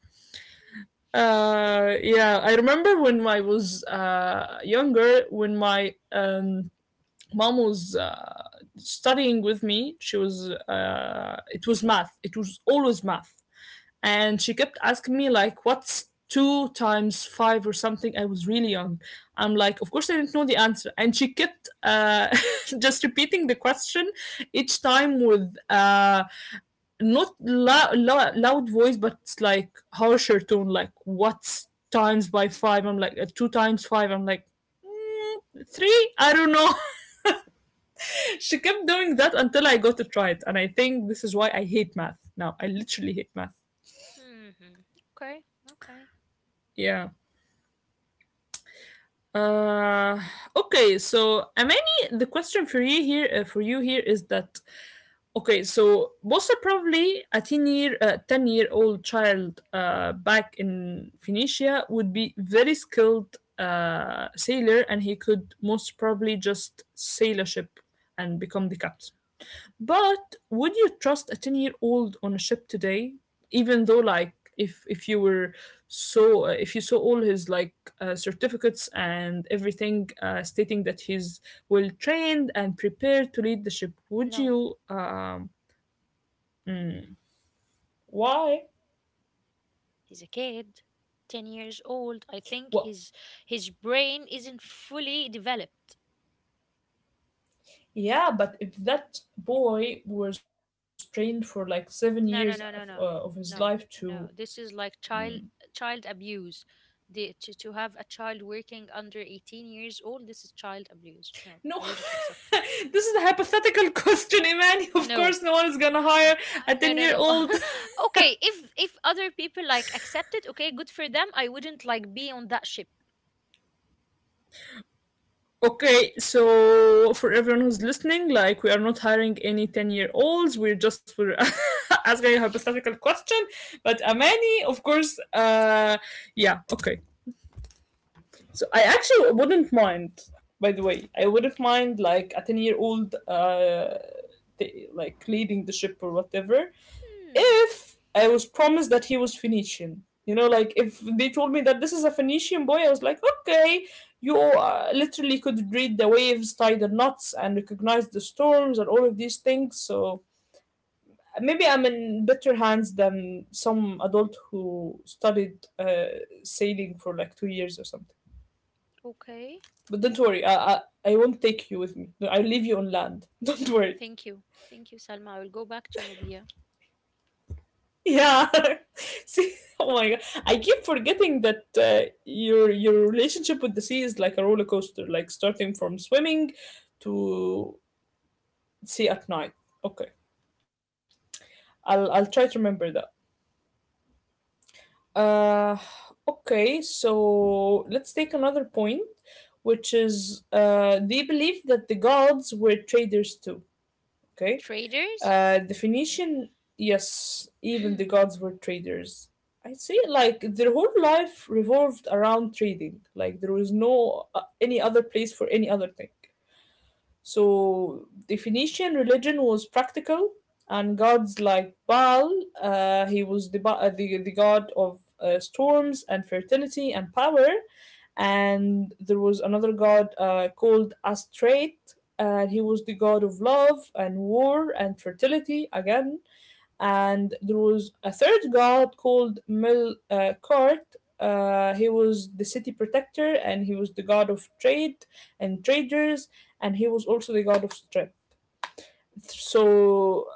A: Uh, yeah, I remember when I was uh, younger, when my um, mom was uh, studying with me, she was uh, it was math, it was always math, and she kept asking me, like, what's two times five or something. I was really young. I'm like, of course I didn't know the answer, and she kept uh, just repeating the question, each time with uh, not lo- lo- loud voice but like harsher tone, like what's times by five?" i i'm like uh, two times five, I'm like three, I don't know. She kept doing that until I got it right. And I think this is why I hate math now. I literally hate math.
B: Hmm. Okay, okay.
A: Yeah. Uh, okay, so Amani, the question for you here, uh, for you here is that okay, so most probably a ten year, uh, ten year old child uh, back in Phoenicia would be very skilled uh, sailor, and he could most probably just sail a ship and become the captain. But would you trust a ten year old on a ship today? Even though, like, if if you were so, uh, if you saw all his like uh, certificates and everything uh, stating that he's well trained and prepared to lead the ship, would
B: No.
A: you? Um, why?
B: He's a kid, ten years old. I think
A: Well,
B: his his brain isn't fully developed.
A: yeah, but if that boy was trained for like seven years of, uh,
B: No, no, no,
A: of
B: no, no,
A: his
B: no.
A: life
B: No.
A: to
B: No. This is like child child abuse. The, to, to have a child working under eighteen years old, this is child abuse. No,
A: no,
B: I wouldn't accept it.
A: this is a hypothetical question, Imani. Of
B: No.
A: course, no one is gonna hire a
B: Uh, no,
A: ten
B: no,
A: year
B: no.
A: old.
B: Okay, if if other people like accept it, okay, good for them. I wouldn't like be on that ship.
A: Okay, so for everyone who's listening, like we are not hiring any ten year olds. We're just we're asking a hypothetical question. But Amani, of course, uh yeah, okay. So I actually wouldn't mind, by the way. I wouldn't mind like a ten year old uh t- like leading the ship or whatever
B: Hmm.
A: if I was promised that he was Phoenician. You know, like if they told me that this is a Phoenician boy, I was like, okay, you uh, literally could read the waves, tie the knots, and recognize the storms and all of these things. So maybe I'm in better hands than some adult who studied uh, sailing for like two years or something.
B: Okay.
A: But don't worry, I, I, I won't take you with me. No, I'll leave you on land. Don't worry.
B: Thank you. Thank you, Salma. I will go back to Nubia.
A: Yeah. See, oh my god, I keep forgetting that uh, your your relationship with the sea is like a roller coaster, like starting from swimming to sea at night. Okay, I'll I'll try to remember that. Uh, okay, so let's take another point, which is uh, they believe that the gods were traders too. Okay.
B: Traders?
A: Uh, the Phoenician, yes, even the gods were traders. I'd say like their whole life revolved around trading. Like there was no uh, any other place for any other thing. So the Phoenician religion was practical, and gods like Baal, uh, he was the, ba- uh, the the god of uh, storms and fertility and power, and there was another god uh, called Astrate, and he was the god of love and war and fertility again. And there was a third god called Melkart. Uh, he was the city protector and he was the god of trade and traders, and he was also the god of strength. So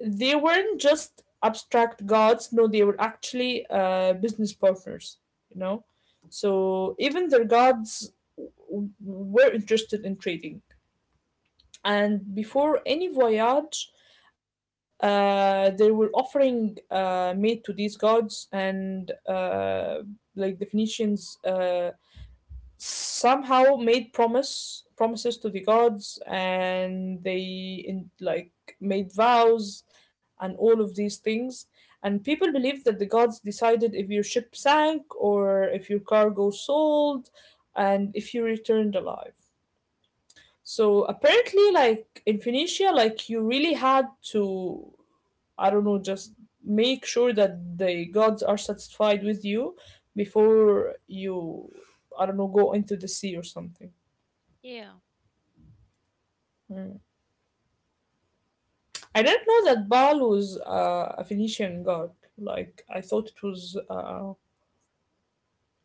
A: they weren't just abstract gods, no, they were actually uh, business partners, you know? So even their gods w- were interested in trading, and before any voyage uh, they were offering uh, made to these gods, and uh, like the Phoenicians uh, somehow made promise promises to the gods, and they in, like, made vows and all of these things, and people believe that the gods decided if your ship sank or if your cargo sold and if you returned alive. So apparently, like in Phoenicia, like you really had to, I don't know, just make sure that the gods are satisfied with you before you, I don't know, go into the sea or something.
B: Yeah.
A: I didn't know that Baal was uh, a Phoenician god. Like I thought it was, uh,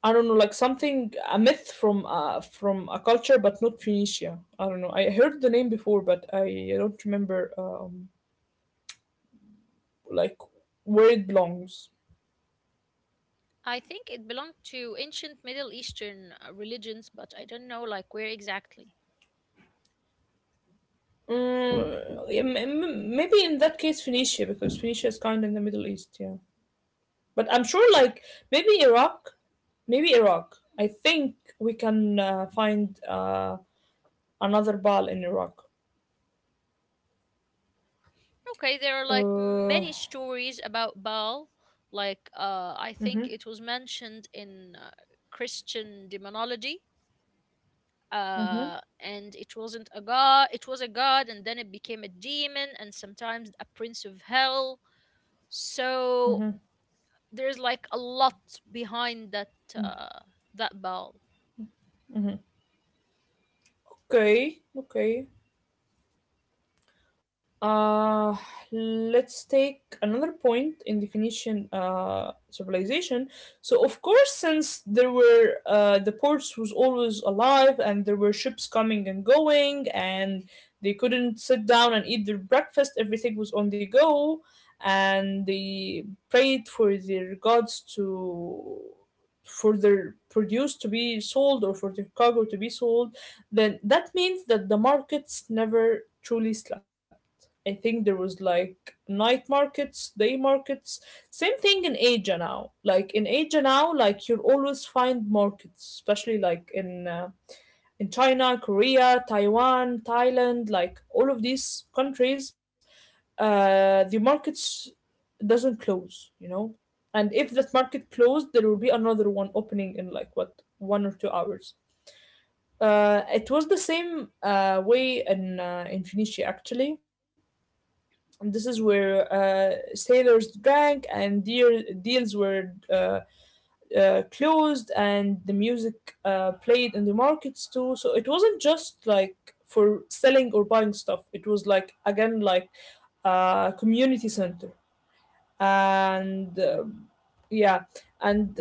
A: I don't know, like something, a myth from uh, from a culture, but not Phoenicia. I don't know. I heard the name before, but I don't remember um, like where it belongs.
B: I think it belonged to ancient Middle Eastern uh, religions, but I don't know like where exactly.
A: Mm, yeah, m- m- maybe in that case Phoenicia, because Phoenicia is kind of in the Middle East, yeah. But I'm sure like maybe Iraq, maybe Iraq. I think we can uh, find uh, another Baal in Iraq.
B: Okay, there are like
A: Uh,
B: many stories about Baal. Like uh, I
A: mm-hmm,
B: think it was mentioned in uh, Christian demonology.
A: mm-hmm,
B: Uh, and it wasn't a god, it was a god, and then it became a demon, and sometimes a prince of hell.
A: mm-hmm.
B: So there's like a lot behind that uh, that Baal.
A: Okay, okay. Uh, let's take another point in the Phoenician uh, civilization. So, of course, since there were uh, the ports was always alive, and there were ships coming and going, and they couldn't sit down and eat their breakfast. Everything was on the go, and they prayed for their gods to, for their produce to be sold or for their cargo to be sold. Then that means that the markets never truly slept. I think there was like night markets, day markets. Same thing in Asia now. Like in Asia now, like you'll always find markets, especially like in uh, in China, Korea, Taiwan, Thailand, like all of these countries, uh, the markets doesn't close, you know. And if that market closed, there will be another one opening in like what one or two hours. Uh, it was the same uh, way in uh, in Phoenicia actually, and this is where uh, sailors drank and deal, deals were uh, uh, closed, and the music uh, played in the markets too, so it wasn't just like for selling or buying stuff, it was like, again, like a community center, and, uh, yeah, and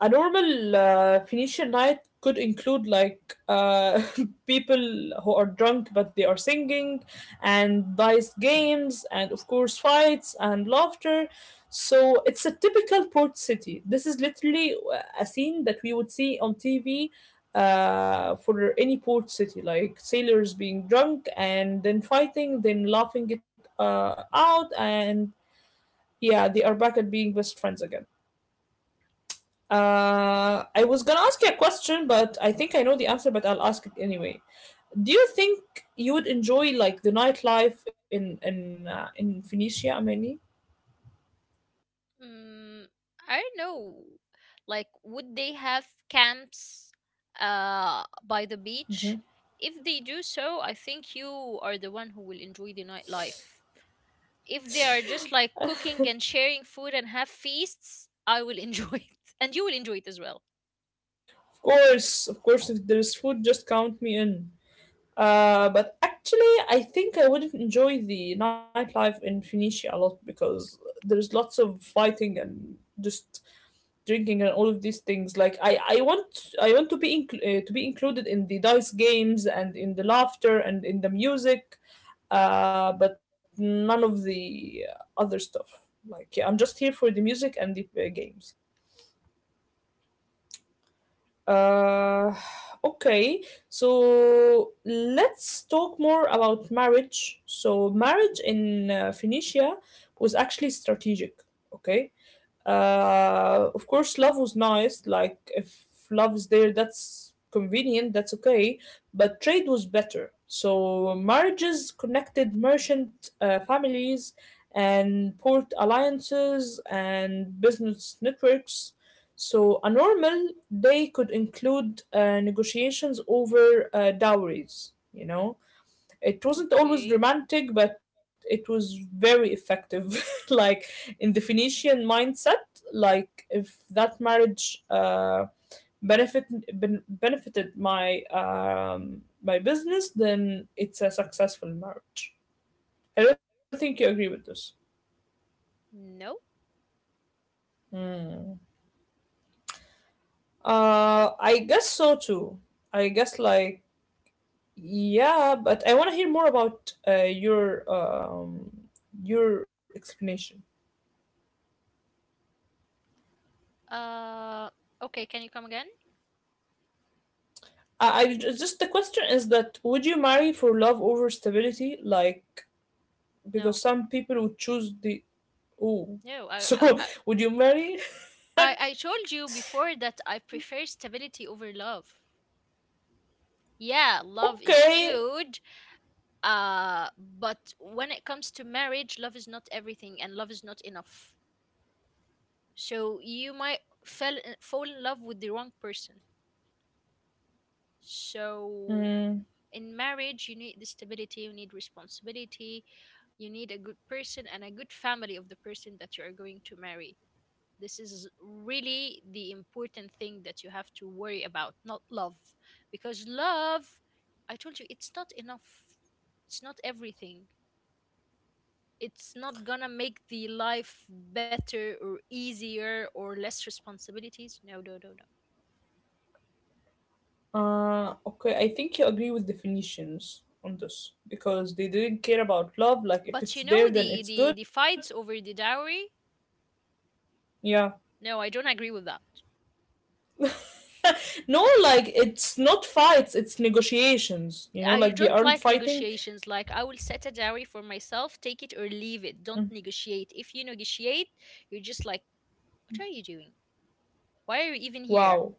A: a normal uh, Phoenician night could include, like, uh, people who are drunk but they are singing, and dice games, and of course fights and laughter. So it's a typical port city. This is literally uh, a scene that we would see on T V uh, for any port city, like sailors being drunk and then fighting, then laughing it uh, out, and yeah, they are back at being best friends again. Uh, I was gonna ask you a question, but I think I know the answer, but I'll ask it anyway. Do you think you would enjoy, like, the nightlife in in uh, in Phoenicia, Amani?
B: Mm, I don't know. Like, would they have camps uh by the
A: Hmm.
B: beach? If they do so, I think you are the one who will enjoy the nightlife. If they are just like cooking and sharing food and have feasts, I will enjoy it. And you will enjoy it as well.
A: Of course, of course. If there's food, just count me in. Uh, but actually, I think I wouldn't enjoy the nightlife in Phoenicia a lot because there's lots of fighting and just drinking and all of these things, like I I want i want to be incl- uh, to be included in the dice games and in the laughter and in the music, uh but none of the other stuff. Like, yeah, I'm just here for the music and the uh, games. uh okay, so let's talk more about marriage. So marriage in uh, Phoenicia was actually strategic. Okay. Uh, of course love was nice, like if love is there, that's convenient, that's okay. But trade was better, so marriages connected merchant uh, families and port alliances and business networks. So a normal day could include uh, negotiations over uh, dowries. You know it wasn't always
B: Okay.
A: romantic, but it was very effective. Like, in the Phoenician mindset, like, if that marriage uh, benefit ben- benefited my um, my business, then it's a successful marriage. I don't think you agree with this.
B: No.
A: Uh, I guess so too. I guess, like, yeah, but I want to hear more about uh, your um, your explanation.
B: Uh, okay, can you come again?
A: I I Just, the question is, that would you marry for love over stability? Like, because
B: No.
A: some people would choose the, oh,
B: No. I,
A: so,
B: I, I
A: would you marry?
B: I, I told you before that I prefer stability over love. Yeah, love is
A: Okay,
B: good. Uh, but when it comes to marriage, love is not everything and love is not enough. So you might fell, uh, fall in love with the wrong person. So
A: mm,
B: in marriage, you need the stability, you need responsibility, you need a good person and a good family of the person that you are going to marry. This is really the important thing that you have to worry about, not love. Because love, I told you, it's not enough. It's not everything. It's not gonna make the life better or easier or less responsibilities. No, no, no, no.
A: uh, okay. I think you agree with the Phoenicians on this because they didn't care about love. Like, if
B: But
A: it's
B: you
A: there,
B: know
A: then
B: the
A: it's
B: the the
A: good.
B: fights over the dowry?
A: Yeah.
B: No, I don't agree with that.
A: No, like, it's not fights, it's negotiations. You know,
B: I
A: like, they
B: don't
A: aren't
B: like
A: fighting.
B: negotiations. Like I will set a dowry for myself, take it or leave it. Don't negotiate. If you negotiate, you're just like, what are you doing? Why are you even here?
A: Wow.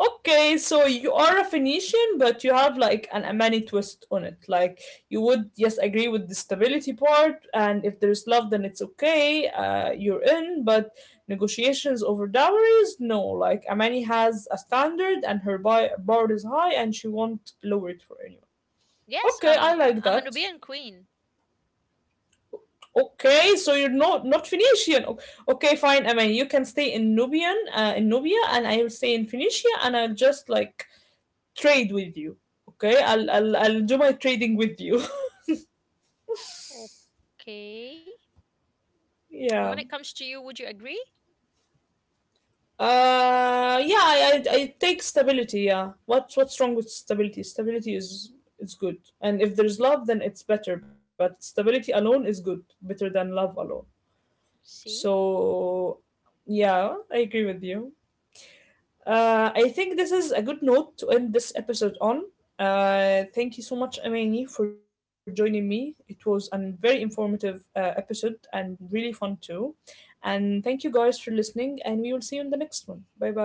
A: Okay, so you are a Phoenician, but you have, like, an Amani twist on it. Like, you would, yes, agree with the stability part, and if there's love, then it's okay. Uh, you're in, but negotiations over dowries, no. Like, Amani has a standard, and her bar, bar is high, and she won't lower it for anyone.
B: Yes,
A: Okay, I
B: um,
A: like
B: I'm a
A: that.
B: Nubian queen.
A: Okay, so you're not not Phoenician. O- Okay, fine. I mean, you can stay in Nubian, uh, in Nubia, and I will stay in Phoenicia, and I'll just, like, trade with you. Okay, i'll i'll, I'll do my trading with you.
B: Okay. And when it
A: Yeah.
B: comes to you, would you agree?
A: uh yeah, I, I i take stability. Yeah, what's what's wrong with stability stability is is good, and if there's love, then it's better, but stability alone is good, better than love alone.
B: See?
A: So yeah, I agree with you. Uh, I think this is a good note to end this episode on. Uh, thank you so much, Amani, for joining me. It was a very informative uh, episode and really fun too. And thank you guys for listening, and we will see you in the next one. Bye bye.